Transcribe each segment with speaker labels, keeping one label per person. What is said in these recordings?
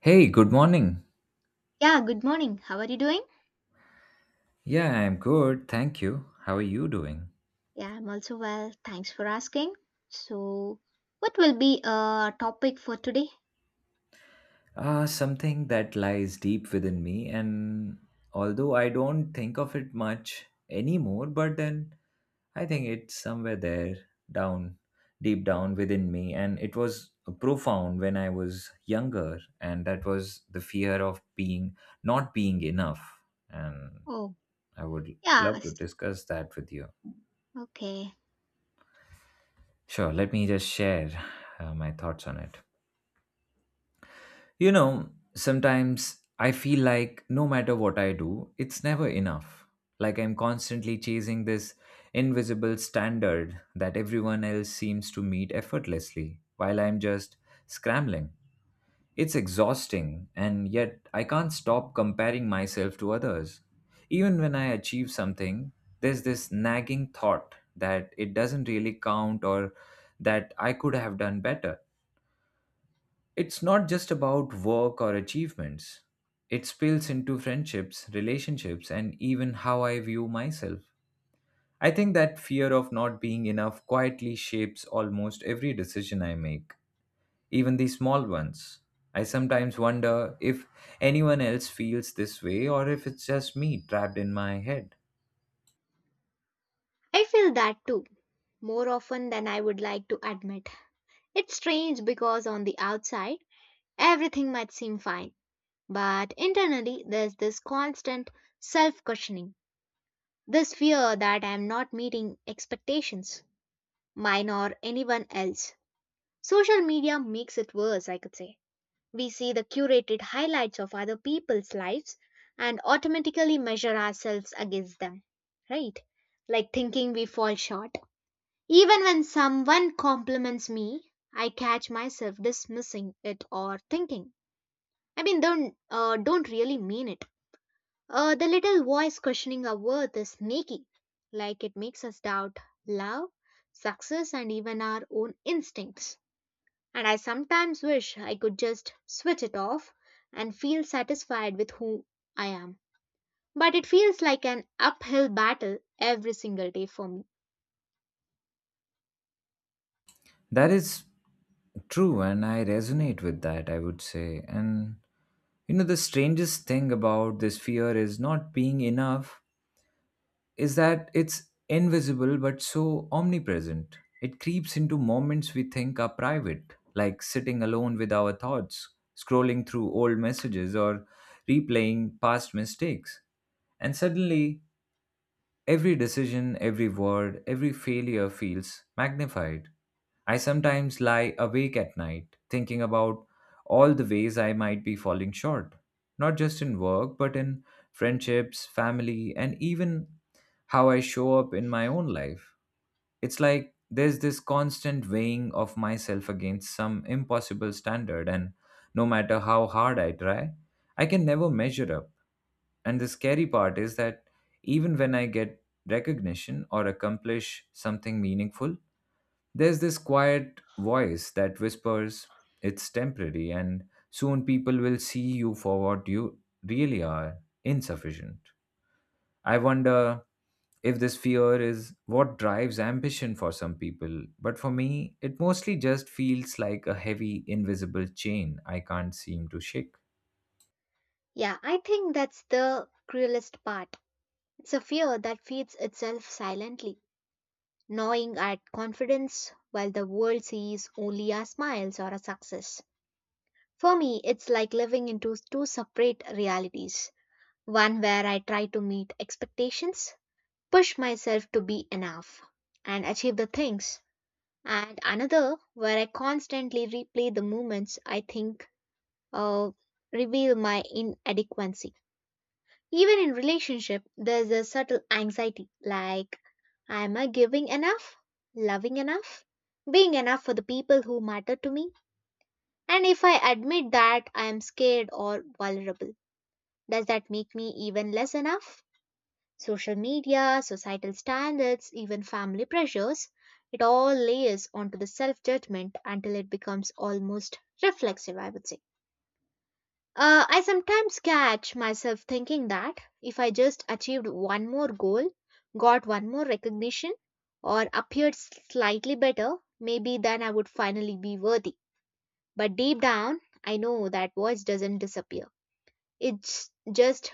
Speaker 1: Hey, good morning.
Speaker 2: Yeah, good morning. How are you doing?
Speaker 1: Yeah, I'm good. Thank you. How are you doing?
Speaker 2: Yeah, I'm also well. Thanks for asking. So, what will be a topic for today?
Speaker 1: Something that lies deep within me, and although I don't think of it much anymore, but then I think it's somewhere there, down, deep down within me. And it was profound when I was younger, and that was the fear of being not being enough. And
Speaker 2: Oh,
Speaker 1: I would love to
Speaker 2: yes.
Speaker 1: discuss that with you.
Speaker 2: Okay.
Speaker 1: Sure, let me just share my thoughts on it. You know, sometimes I feel like no matter what I do, it's never enough. Like I'm constantly chasing this invisible standard that everyone else seems to meet effortlessly while I'm just scrambling. It's exhausting, and yet I can't stop comparing myself to others. Even when I achieve something, there's this nagging thought that it doesn't really count or that I could have done better, it's not just about work or achievements. It spills into friendships, relationships, and even how I view myself. I think that fear of not being enough quietly shapes almost every decision I make, even the small ones. I sometimes wonder if anyone else feels this way or if it's just me trapped in my head.
Speaker 2: I feel that too, more often than I would like to admit. It's strange because on the outside, everything might seem fine, but internally, there's this constant self questioning, this fear that I'm not meeting expectations, mine or anyone else. Social media makes it worse, I could say. We see the curated highlights of other people's lives and automatically measure ourselves against them, right? Like thinking we fall short. Even when someone compliments me, I catch myself dismissing it or thinking, I mean, don't really mean it. The little voice questioning our worth is sneaky, like it makes us doubt love, success, and even our own instincts. And I sometimes wish I could just switch it off and feel satisfied with who I am. But it feels like an uphill battle every single day for me.
Speaker 1: That is true, and I resonate with that, I would say. And you know, the strangest thing about this fear is not being enough is that it's invisible but so omnipresent. It creeps into moments we think are private, like sitting alone with our thoughts, scrolling through old messages, or replaying past mistakes. And suddenly, every decision, every word, every failure feels magnified. I sometimes lie awake at night thinking about all the ways I might be falling short, not just in work, but in friendships, family, and even how I show up in my own life. It's like there's this constant weighing of myself against some impossible standard, and no matter how hard I try, I can never measure up. And the scary part is that even when I get recognition or accomplish something meaningful, there's this quiet voice that whispers, it's temporary, and soon people will see you for what you really are, insufficient. I wonder if this fear is what drives ambition for some people, but for me, it mostly just feels like a heavy, invisible chain I can't seem to shake.
Speaker 2: Yeah, I think that's the cruelest part. It's a fear that feeds itself silently, gnawing at confidence while the world sees only our smiles or our success. For me, it's like living into two separate realities, one where I try to meet expectations, push myself to be enough and achieve the things, and another where I constantly replay the moments I think uh, reveal my inadequacy. Even in relationship, there's a subtle anxiety like, am I giving enough, loving enough, being enough for the people who matter to me? And if I admit that I am scared or vulnerable, does that make me even less enough? Social media, societal standards, even family pressures, it all layers onto the self judgment until it becomes almost reflexive, I would say. I sometimes catch myself thinking that if I just achieved one more goal, got one more recognition, or appeared slightly better, maybe then I would finally be worthy. But deep down, I know that voice doesn't disappear. It just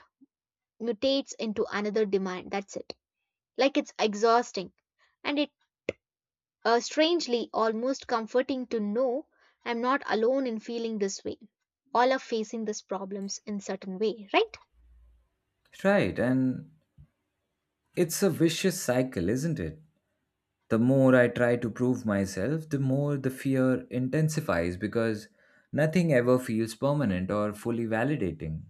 Speaker 2: mutates into another demand. That's it. Like it's exhausting. And it strangely almost comforting to know I'm not alone in feeling this way. All are facing these problems in certain way, right?
Speaker 1: Right, and it's a vicious cycle, isn't it? The more I try to prove myself, the more the fear intensifies because nothing ever feels permanent or fully validating.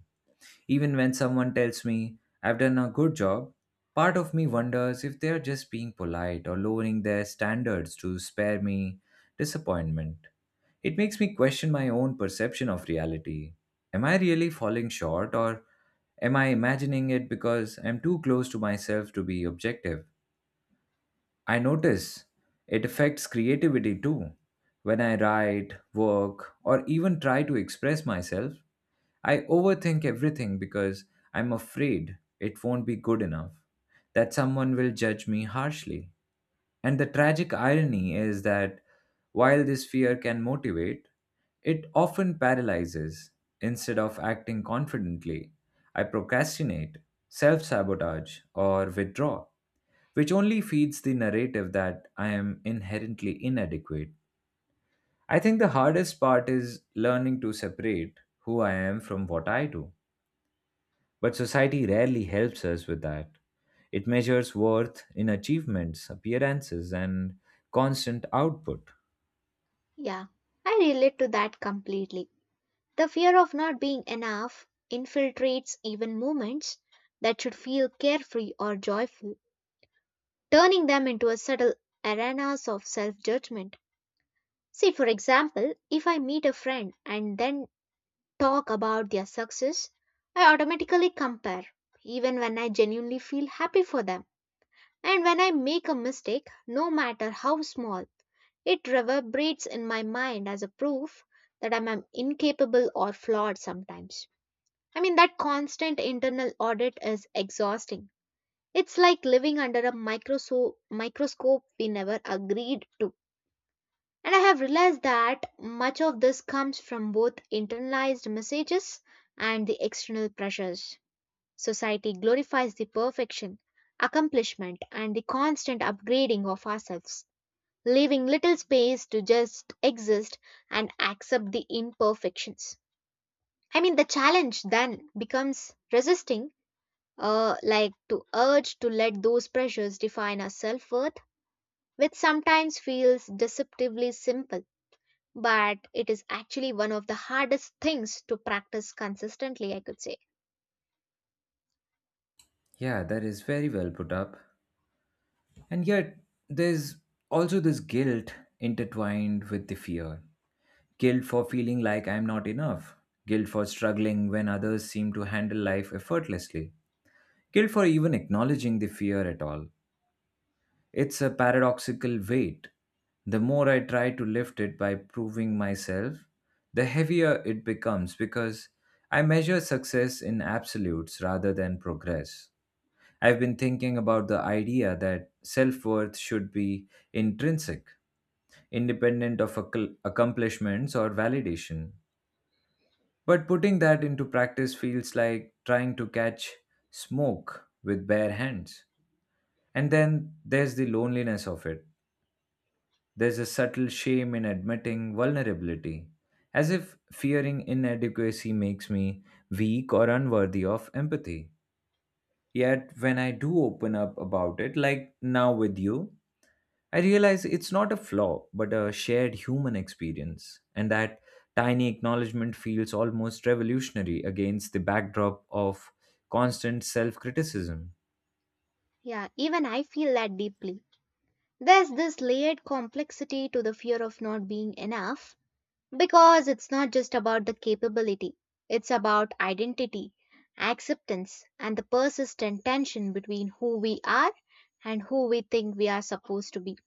Speaker 1: Even when someone tells me I've done a good job, part of me wonders if they're just being polite or lowering their standards to spare me disappointment. It makes me question my own perception of reality. Am I really falling short, or am I imagining it because I'm too close to myself to be objective? I notice it affects creativity too. When I write, work, or even try to express myself, I overthink everything because I'm afraid it won't be good enough, that someone will judge me harshly. And the tragic irony is that while this fear can motivate, it often paralyzes. Instead of acting confidently, I procrastinate, self sabotage, or withdraw, which only feeds the narrative that I am inherently inadequate. I think the hardest part is learning to separate who I am from what I do. But society rarely helps us with that. It measures worth in achievements, appearances, and constant output.
Speaker 2: Yeah. I relate to that completely. The fear of not being enough infiltrates even moments that should feel carefree or joyful, turning them into a subtle arenas of self judgment. See, for example, if I meet a friend and then talk about their success, I automatically compare, even when I genuinely feel happy for them. And when I make a mistake, no matter how small, it reverberates in my mind as a proof that I'm am incapable or flawed sometimes. I mean, that constant internal audit is exhausting. It's like living under a microscope we never agreed to. And I have realized that much of this comes from both internalized messages and the external pressures. Society glorifies the perfection, accomplishment, and the constant upgrading of ourselves, leaving little space to just exist and accept the imperfections. I mean, the challenge then becomes resisting, like to urge to let those pressures define our self worth, which sometimes feels deceptively simple but it is actually one of the hardest things to practice consistently, I could say.
Speaker 1: Yeah, that is very well put up. And yet, there's also this guilt intertwined with the fear, guilt for feeling like I'm not enough, guilt for struggling when others seem to handle life effortlessly, guilt for even acknowledging the fear at all. It's a paradoxical weight. The more I try to lift it by proving myself, the heavier it becomes because I measure success in absolutes rather than progress. I've been thinking about the idea that self worth should be intrinsic, independent of accomplishments or validation. But putting that into practice feels like trying to catch smoke with bare hands. And then there's the loneliness of it. There's a subtle shame in admitting vulnerability, as if fearing inadequacy makes me weak or unworthy of empathy. Yet, when I do open up about it, like now with you, I realize it's not a flaw, but a shared human experience. And that tiny acknowledgement feels almost revolutionary against the backdrop of constant self criticism.
Speaker 2: Yeah, even I feel that deeply. There's this layered complexity to the fear of not being enough because it's not just about the capability, it's about identity, acceptance, and the persistent tension between who we are and who we think we are supposed to be.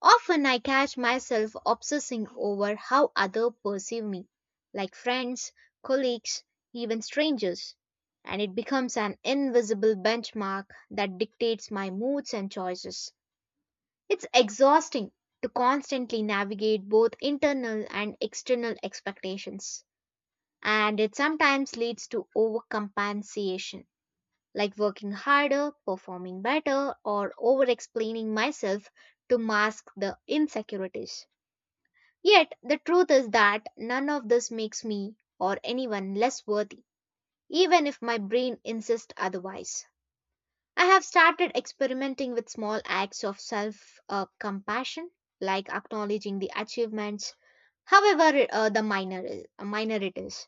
Speaker 2: Often I catch myself obsessing over how others perceive me, like friends, colleagues, even strangers, and it becomes an invisible benchmark that dictates my moods and choices. It's exhausting to constantly navigate both internal and external expectations, and it sometimes leads to overcompensation, like working harder, performing better, or over explaining myself to mask the insecurities. Yet the truth is that none of this makes me or anyone less worthy, even if my brain insists otherwise. I have started experimenting with small acts of self compassion, like acknowledging the achievements, however minor it is,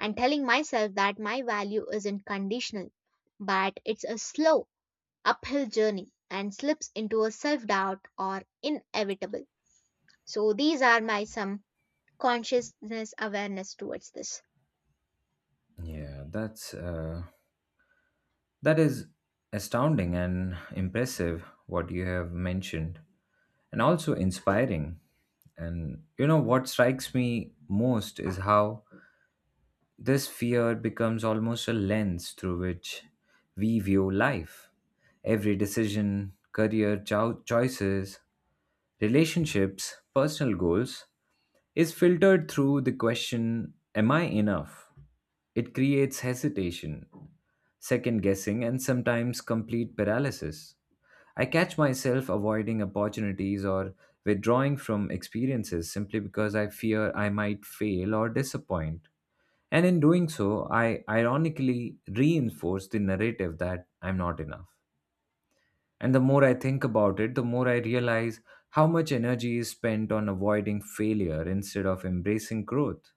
Speaker 2: and telling myself that my value isn't conditional, but it's a slow uphill journey and slips into a self doubt are inevitable. So these are my some consciousness awareness towards this.
Speaker 1: Yeah, that is astounding and impressive what you have mentioned, and also inspiring. And you know what strikes me most is how this fear becomes almost a lens through which we view life. Every decision, career choices, relationships, personal goals is filtered through the question, am I enough? It creates hesitation, second guessing, and sometimes complete paralysis. I catch myself avoiding opportunities or withdrawing from experiences simply because I fear I might fail or disappoint. And in doing so, I ironically reinforce the narrative that I'm not enough. And the more I think about it, the more I realize how much energy is spent on avoiding failure instead of embracing growth.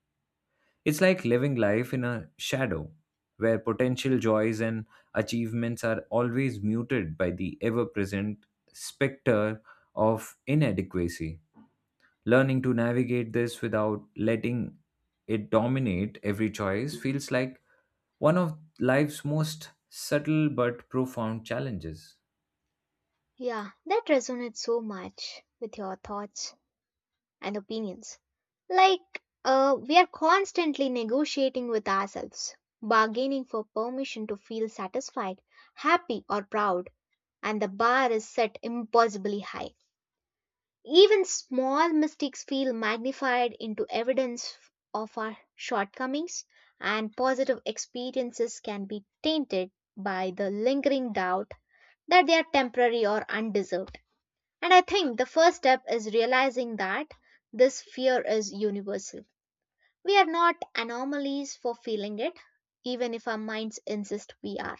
Speaker 1: It's like living life in a shadow, where potential joys and achievements are always muted by the ever present specter of inadequacy. Learning to navigate this without letting it dominate every choice feels like one of life's most subtle but profound challenges.
Speaker 2: Yeah, that resonates so much with your thoughts and opinions. Like, we are constantly negotiating with ourselves, bargaining for permission to feel satisfied, happy, or proud, and the bar is set impossibly high. Even small mistakes feel magnified into evidence of our shortcomings, and positive experiences can be tainted by the lingering doubt that they are temporary or undeserved. And I think the first step is realizing that this fear is universal. We are not anomalies for feeling it, even if our minds insist we are.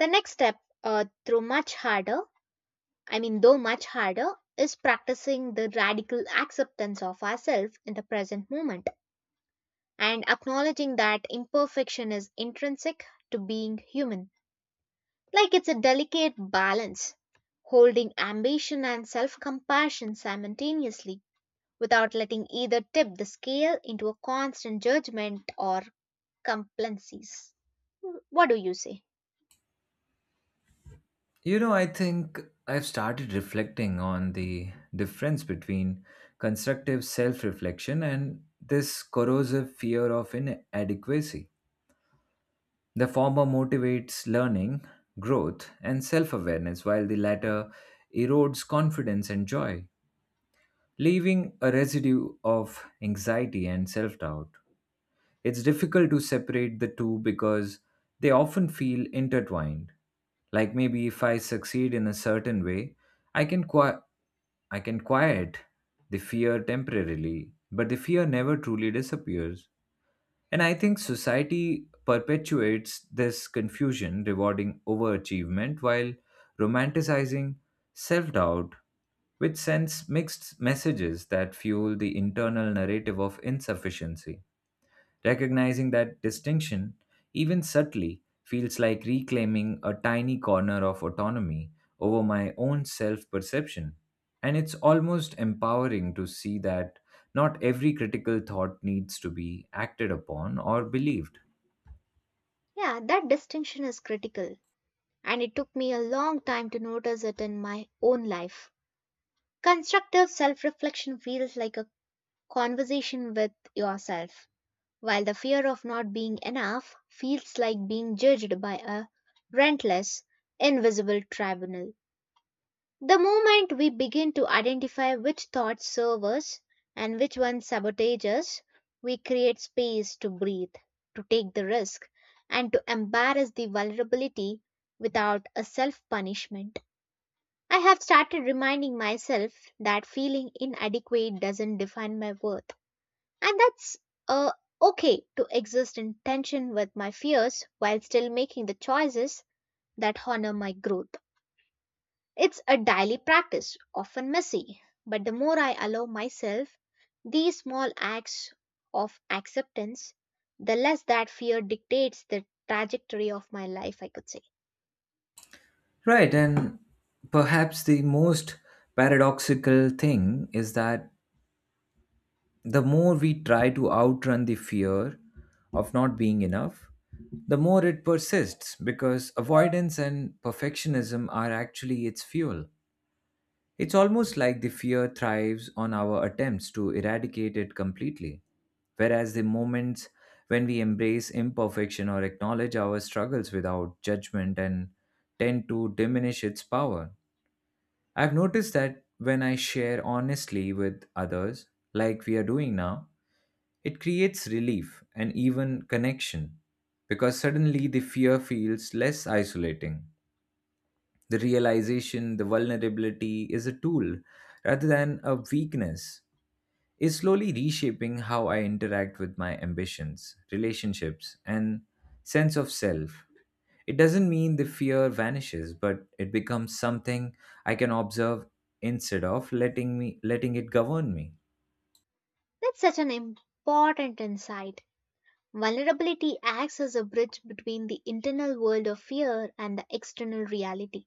Speaker 2: The next step, uh, through much harder, I mean, though much harder, is practicing the radical acceptance of ourselves in the present moment and acknowledging that imperfection is intrinsic to being human. Like it's a delicate balance, holding ambition and self compassion simultaneously without letting either tip the scale into a constant judgment or complacencies. What do you say?
Speaker 1: You know, I think I've started reflecting on the difference between constructive self reflection and this corrosive fear of inadequacy. The former motivates learning, growth, and self awareness, while the latter erodes confidence and joy, leaving a residue of anxiety and self doubt. It's difficult to separate the two because they often feel intertwined. Like maybe if I succeed in a certain way, I can, qui- I can quiet the fear temporarily, but the fear never truly disappears. And I think society perpetuates this confusion, rewarding overachievement while romanticizing self doubt, which sends mixed messages that fuel the internal narrative of insufficiency. Recognizing that distinction, even subtly, feels like reclaiming a tiny corner of autonomy over my own self perception. And it's almost empowering to see that not every critical thought needs to be acted upon or believed.
Speaker 2: Yeah, that distinction is critical, and it took me a long time to notice it in my own life. Constructive self reflection feels like a conversation with yourself while the fear of not being enough feels like being judged by a relentless, invisible tribunal. The moment we begin to identify which thoughts serve us and which ones sabotage us, we create space to breathe, to take the risk, and to embrace the vulnerability without a self punishment. I have started reminding myself that feeling inadequate doesn't define my worth and that's uh, okay to exist in tension with my fears while still making the choices that honor my growth. It's a daily practice, often messy, but the more I allow myself these small acts of acceptance, the less that fear dictates the trajectory of my life, I could say.
Speaker 1: Right, and perhaps the most paradoxical thing is that the more we try to outrun the fear of not being enough, the more it persists because avoidance and perfectionism are actually its fuel. It's almost like the fear thrives on our attempts to eradicate it completely, whereas the moments when we embrace imperfection or acknowledge our struggles without judgment and tend to diminish its power. I've noticed that when I share honestly with others, like we are doing now, it creates relief and even connection because suddenly the fear feels less isolating. The realization, the vulnerability is a tool rather than a weakness, is slowly reshaping how I interact with my ambitions, relationships, and sense of self. It doesn't mean the fear vanishes, but it becomes something I can observe instead of letting it govern me.
Speaker 2: That's such an important insight. Vulnerability acts as a bridge between the internal world of fear and the external reality,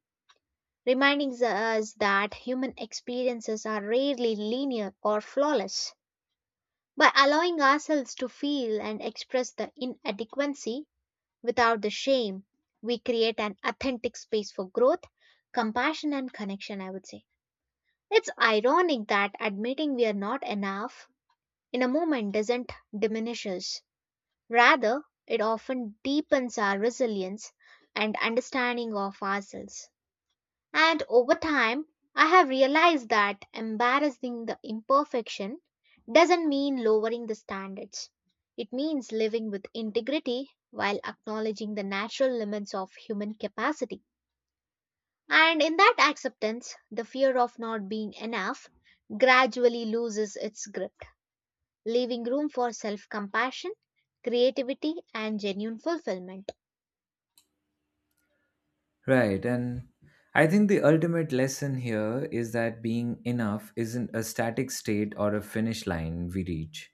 Speaker 2: reminding us that human experiences are rarely linear or flawless. By allowing ourselves to feel and express the inadequacy without the shame, we create an authentic space for growth, compassion, and connection, I would say. It's ironic that admitting we are not enough in a moment doesn't diminish us. Rather, it often deepens our resilience and understanding of ourselves. And over time, I have realized that embarrassing the imperfection doesn't mean lowering the standards. It means living with integrity while acknowledging the natural limits of human capacity. And in that acceptance, the fear of not being enough gradually loses its grip, leaving room for self compassion, creativity, and genuine fulfillment.
Speaker 1: Right, and I think the ultimate lesson here is that being enough isn't a static state or a finish line we reach.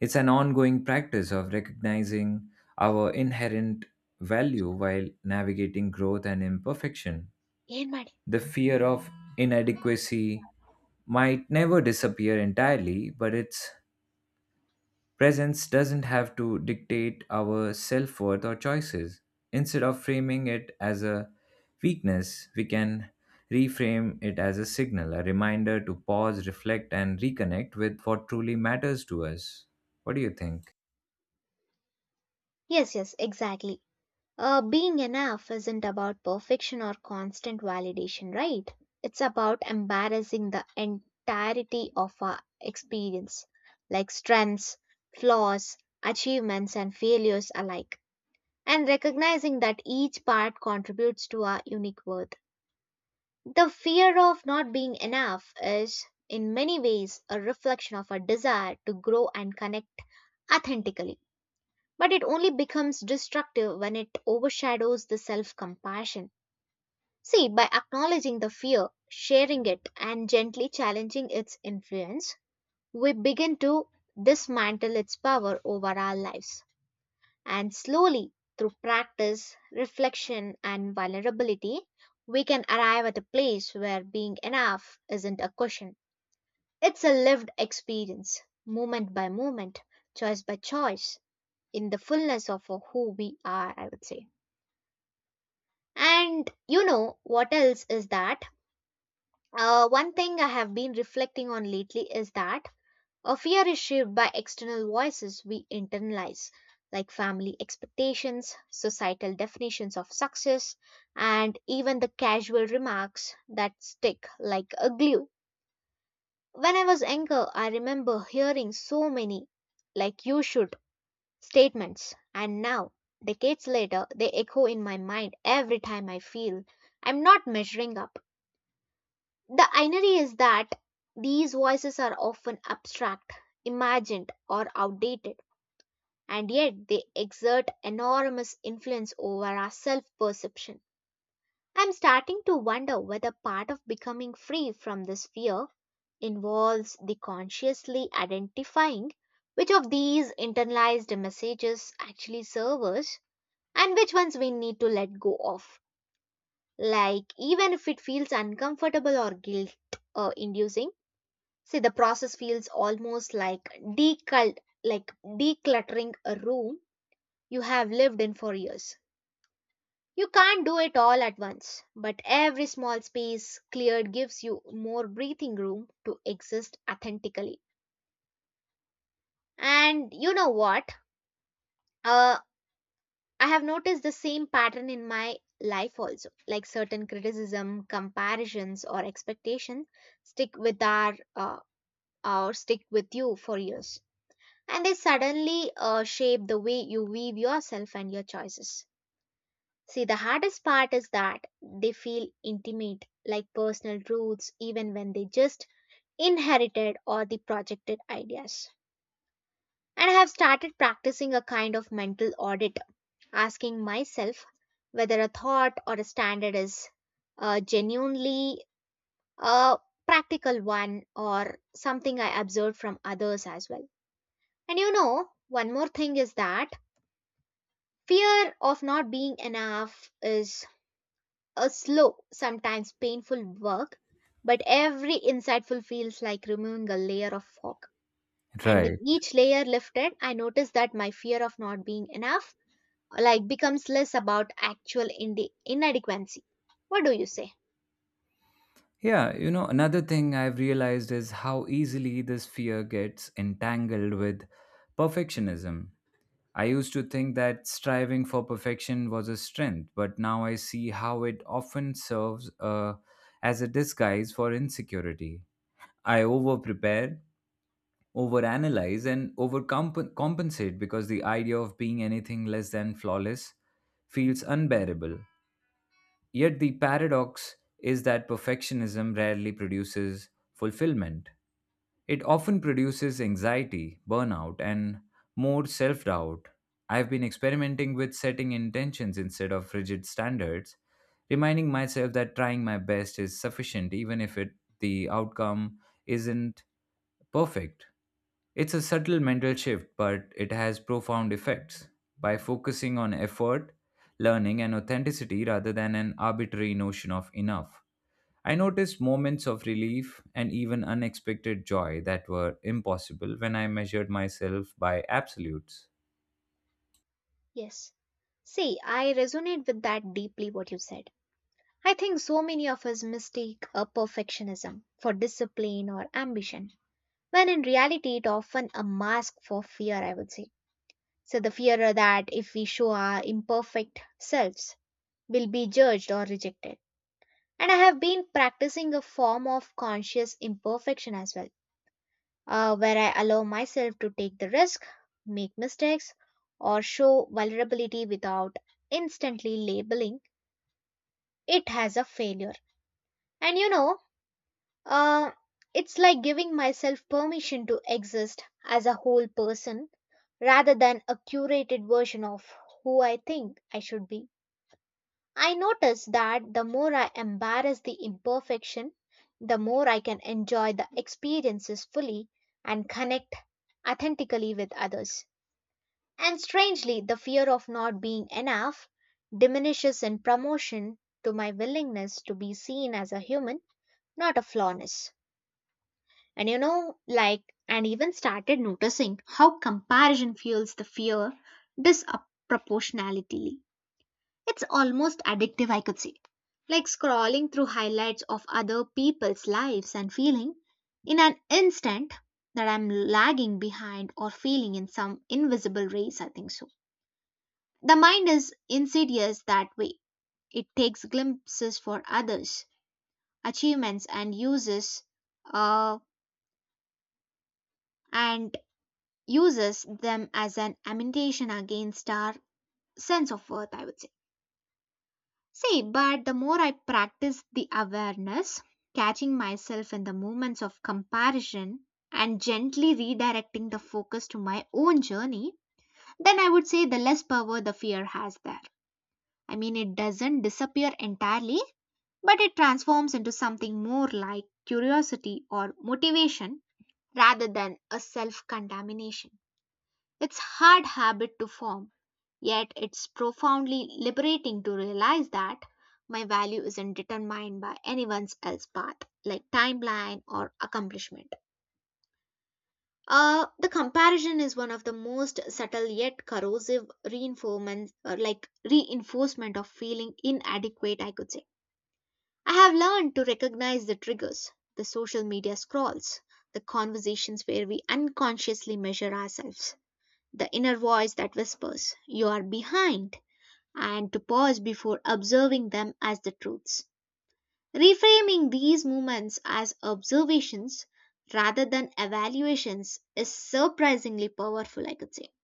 Speaker 1: It's an ongoing practice of recognizing our inherent value while navigating growth and imperfection.
Speaker 2: ಏನ್ ಮಾಡಿ?
Speaker 1: The fear of inadequacy might never disappear entirely, but its presence doesn't have to dictate our self worth or choices. Instead of framing it as a weakness, we can reframe it as a signal, a reminder to pause, reflect, and reconnect with what truly matters to us. What do you think?
Speaker 2: Yes, yes, exactly. Being enough isn't about perfection or constant validation, right? It's about embarrassing the entirety of our experience, like strengths, flaws, achievements, and failures alike, and recognizing that each part contributes to our unique worth. The fear of not being enough is, in many ways, a reflection of our desire to grow and connect authentically. But it only becomes destructive when it overshadows the self compassion. See, by acknowledging the fear, sharing it, and gently challenging its influence, we begin to dismantle its power over our lives. And slowly, through practice, reflection, and vulnerability, we can arrive at a place where being enough isn't a question. It's a lived experience, moment by moment, choice by choice, in the fullness of who we are, I would say. And you know what else is that? One thing I have been reflecting on lately is that a fear is shaped by external voices we internalize, like family expectations, societal definitions of success, and even the casual remarks that stick like a glue. When I was younger, I remember hearing so many, like, you should statements. And now, decades later, they echo in my mind every time I feel I'm not measuring up. The irony is that these voices are often abstract, imagined, or outdated, and yet they exert enormous influence over our self perception. I'm starting to wonder whether part of becoming free from this fear involves the consciously identifying which of these internalized messages actually serve us and which ones we need to let go of. Like, even if it feels uncomfortable or guilt inducing, see, the process feels almost like decluttering a room you have lived in for years. You can't do it all at once, but every small space cleared gives you more breathing room to exist authentically. And you know what? Uh, I have noticed the same pattern in my life also. Like certain criticism, comparisons, or expectations stick with our uh, stick with you for years, and they suddenly shape the way you weave yourself and your choices. See, the hardest part is that they feel intimate, like personal truths, even when they just inherited or the projected ideas. And I have started practicing a kind of mental audit asking myself whether a thought or a standard is genuinely a practical one or something I observed from others as well. And you know, one more thing is that fear of not being enough is a slow, sometimes painful work, but every insightful feels like removing a layer of fog. And with
Speaker 1: Right.
Speaker 2: each layer lifted, I noticed that my fear of not being enough like becomes less about actual inadequacy. What do you say?
Speaker 1: Yeah, you know, another thing I've realized is how easily this fear gets entangled with perfectionism. I used to think that striving for perfection was a strength, but now I see how it often serves as a disguise for insecurity. I over prepare, over and overcompensate because the idea of being anything less than flawless feels unbearable. Yet the paradox is that perfectionism rarely produces fulfillment. It often produces anxiety, burnout, and more self doubt. I've been experimenting with setting intentions instead of rigid standards, reminding myself that trying my best is sufficient even if the outcome isn't perfect. It's a subtle mental shift, but it has profound effects. By focusing on effort, learning, and authenticity rather than an arbitrary notion of enough, I noticed moments of relief and even unexpected joy that were impossible when I measured myself by absolutes.
Speaker 2: Yes. See, I resonate with that deeply what you said. I think so many of us mistake a perfectionism for discipline or ambition, when in reality it often a mask for fear, I would say. So the fear that if we show our imperfect selves, we'll be judged or rejected. And I have been practicing a form of conscious imperfection as well where I allow myself to take the risk, make mistakes, or show vulnerability without instantly labeling it as a failure. And you know, uh, it's like giving myself permission to exist as a whole person rather than a curated version of who I think I should be. I notice that the more I embrace the imperfection, the more I can enjoy the experiences fully and connect authentically with others. And strangely, the fear of not being enough diminishes in promotion to my willingness to be seen as a human, not a flawness. And you know, like, and even started noticing how comparison fuels the fear disproportionately. It's almost addictive, I could say. Like scrolling through highlights of other people's lives and feeling in an instant that I'm lagging behind or feeling in some invisible race, I think so the mind is insidious that way. It takes glimpses for others, achievements, and uh, and uses them as an ammunition against our sense of worth. I would say. See, but the more I practice the awareness, catching myself in the moments of comparison, and gently redirecting the focus to my own journey, then I would say the less power the fear has there. I mean, it doesn't disappear entirely, but it transforms into something more like curiosity or motivation rather than a self contamination. It's hard habit to form, yet it's profoundly liberating to realize that my value isn't determined by anyone else's path, like timeline or accomplishment. The comparison is one of the most subtle yet corrosive reinforcement of feeling inadequate, I could say I have learned to recognize the triggers, the social media scrolls, the conversations where we unconsciously measure ourselves, the inner voice that whispers, you are behind, and to pause before observing them as the truths. Reframing these moments as observations rather than evaluations is surprisingly powerful, I could say.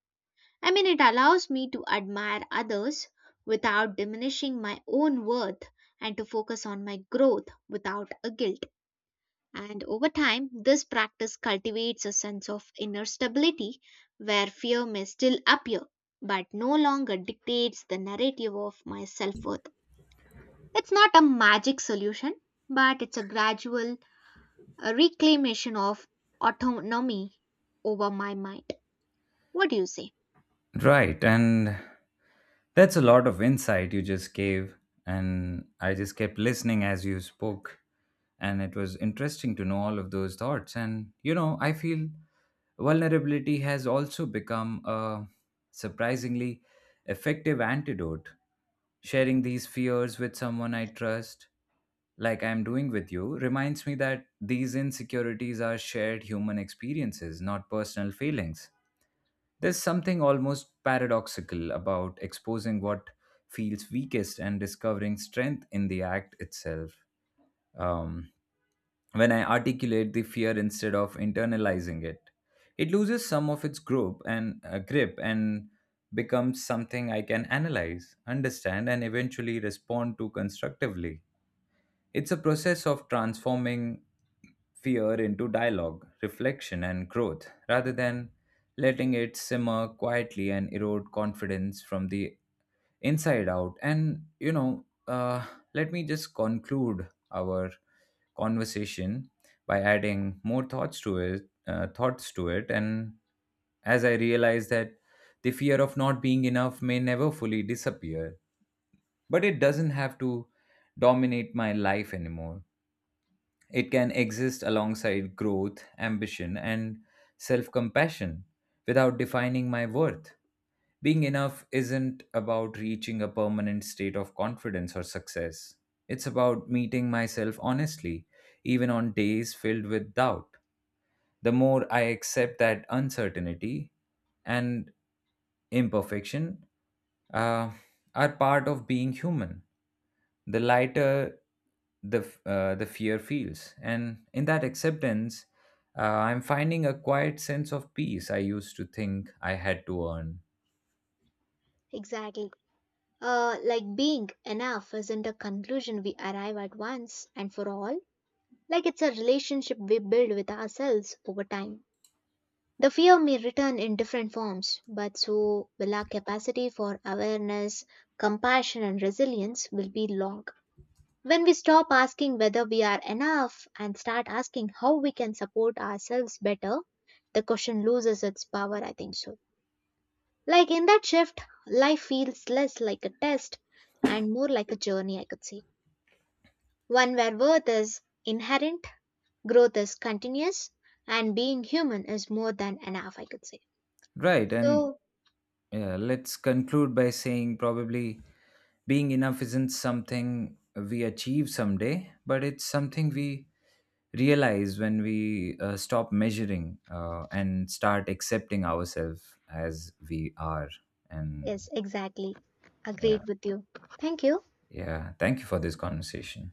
Speaker 2: I mean, it allows me to admire others without diminishing my own worth and to focus on my growth without a guilt. And over time, this practice cultivates a sense of inner stability where fear may still appear, but no longer dictates the narrative of my self worth. It's not a magic solution, but it's a gradual reclamation of autonomy over my mind. What do you say?
Speaker 1: Right, and that's a lot of insight you just gave, and I just kept listening as you spoke. And it was interesting to know all of those thoughts. And, you know, I feel vulnerability has also become a surprisingly effective antidote. Sharing these fears with someone I trust, like I'm doing with you, reminds me that these insecurities are shared human experiences, not personal feelings. There's something almost paradoxical about exposing what feels weakest and discovering strength in the act itself. Um, when I articulate the fear instead of internalizing it, it loses some of its grip and becomes something I can analyze, understand, and eventually respond to constructively. It's a process of transforming fear into dialogue, reflection, and growth, rather than letting it simmer quietly and erode confidence from the inside out. And, you know, let me just conclude our conversation by adding more thoughts to it, and as I realize that the fear of not being enough may never fully disappear, but it doesn't have to dominate my life anymore. It can exist alongside growth, ambition, and self compassion without defining my worth. Being enough isn't about reaching a permanent state of confidence or success. It's about meeting myself honestly, even on days filled with doubt. The more I accept that uncertainty and imperfection uh, are part of being human, the lighter the fear feels, and in that acceptance, uh, I'm finding a quiet sense of peace I used to think I had to earn.
Speaker 2: Exactly. Like being enough isn't a conclusion we arrive at once and for all, like it's a relationship we build with ourselves over time. The fear may return in different forms, but so will our capacity for awareness, compassion, and resilience will be long. When we stop asking whether we are enough and start asking how we can support ourselves better, the question loses its power, I think so. Like in that shift, life feels less like a test and more like a journey, I could say. One where worth is inherent, growth is continuous, and being human is more than enough, I could say.
Speaker 1: Right, and
Speaker 2: So,
Speaker 1: yeah, let's conclude by saying probably being enough isn't something we achieve someday but it's something we realize when we stop measuring and start accepting ourselves as we are, and
Speaker 2: yes, exactly.
Speaker 1: yeah.
Speaker 2: Agreed with you. Thank you.
Speaker 1: Yeah, thank you for this conversation.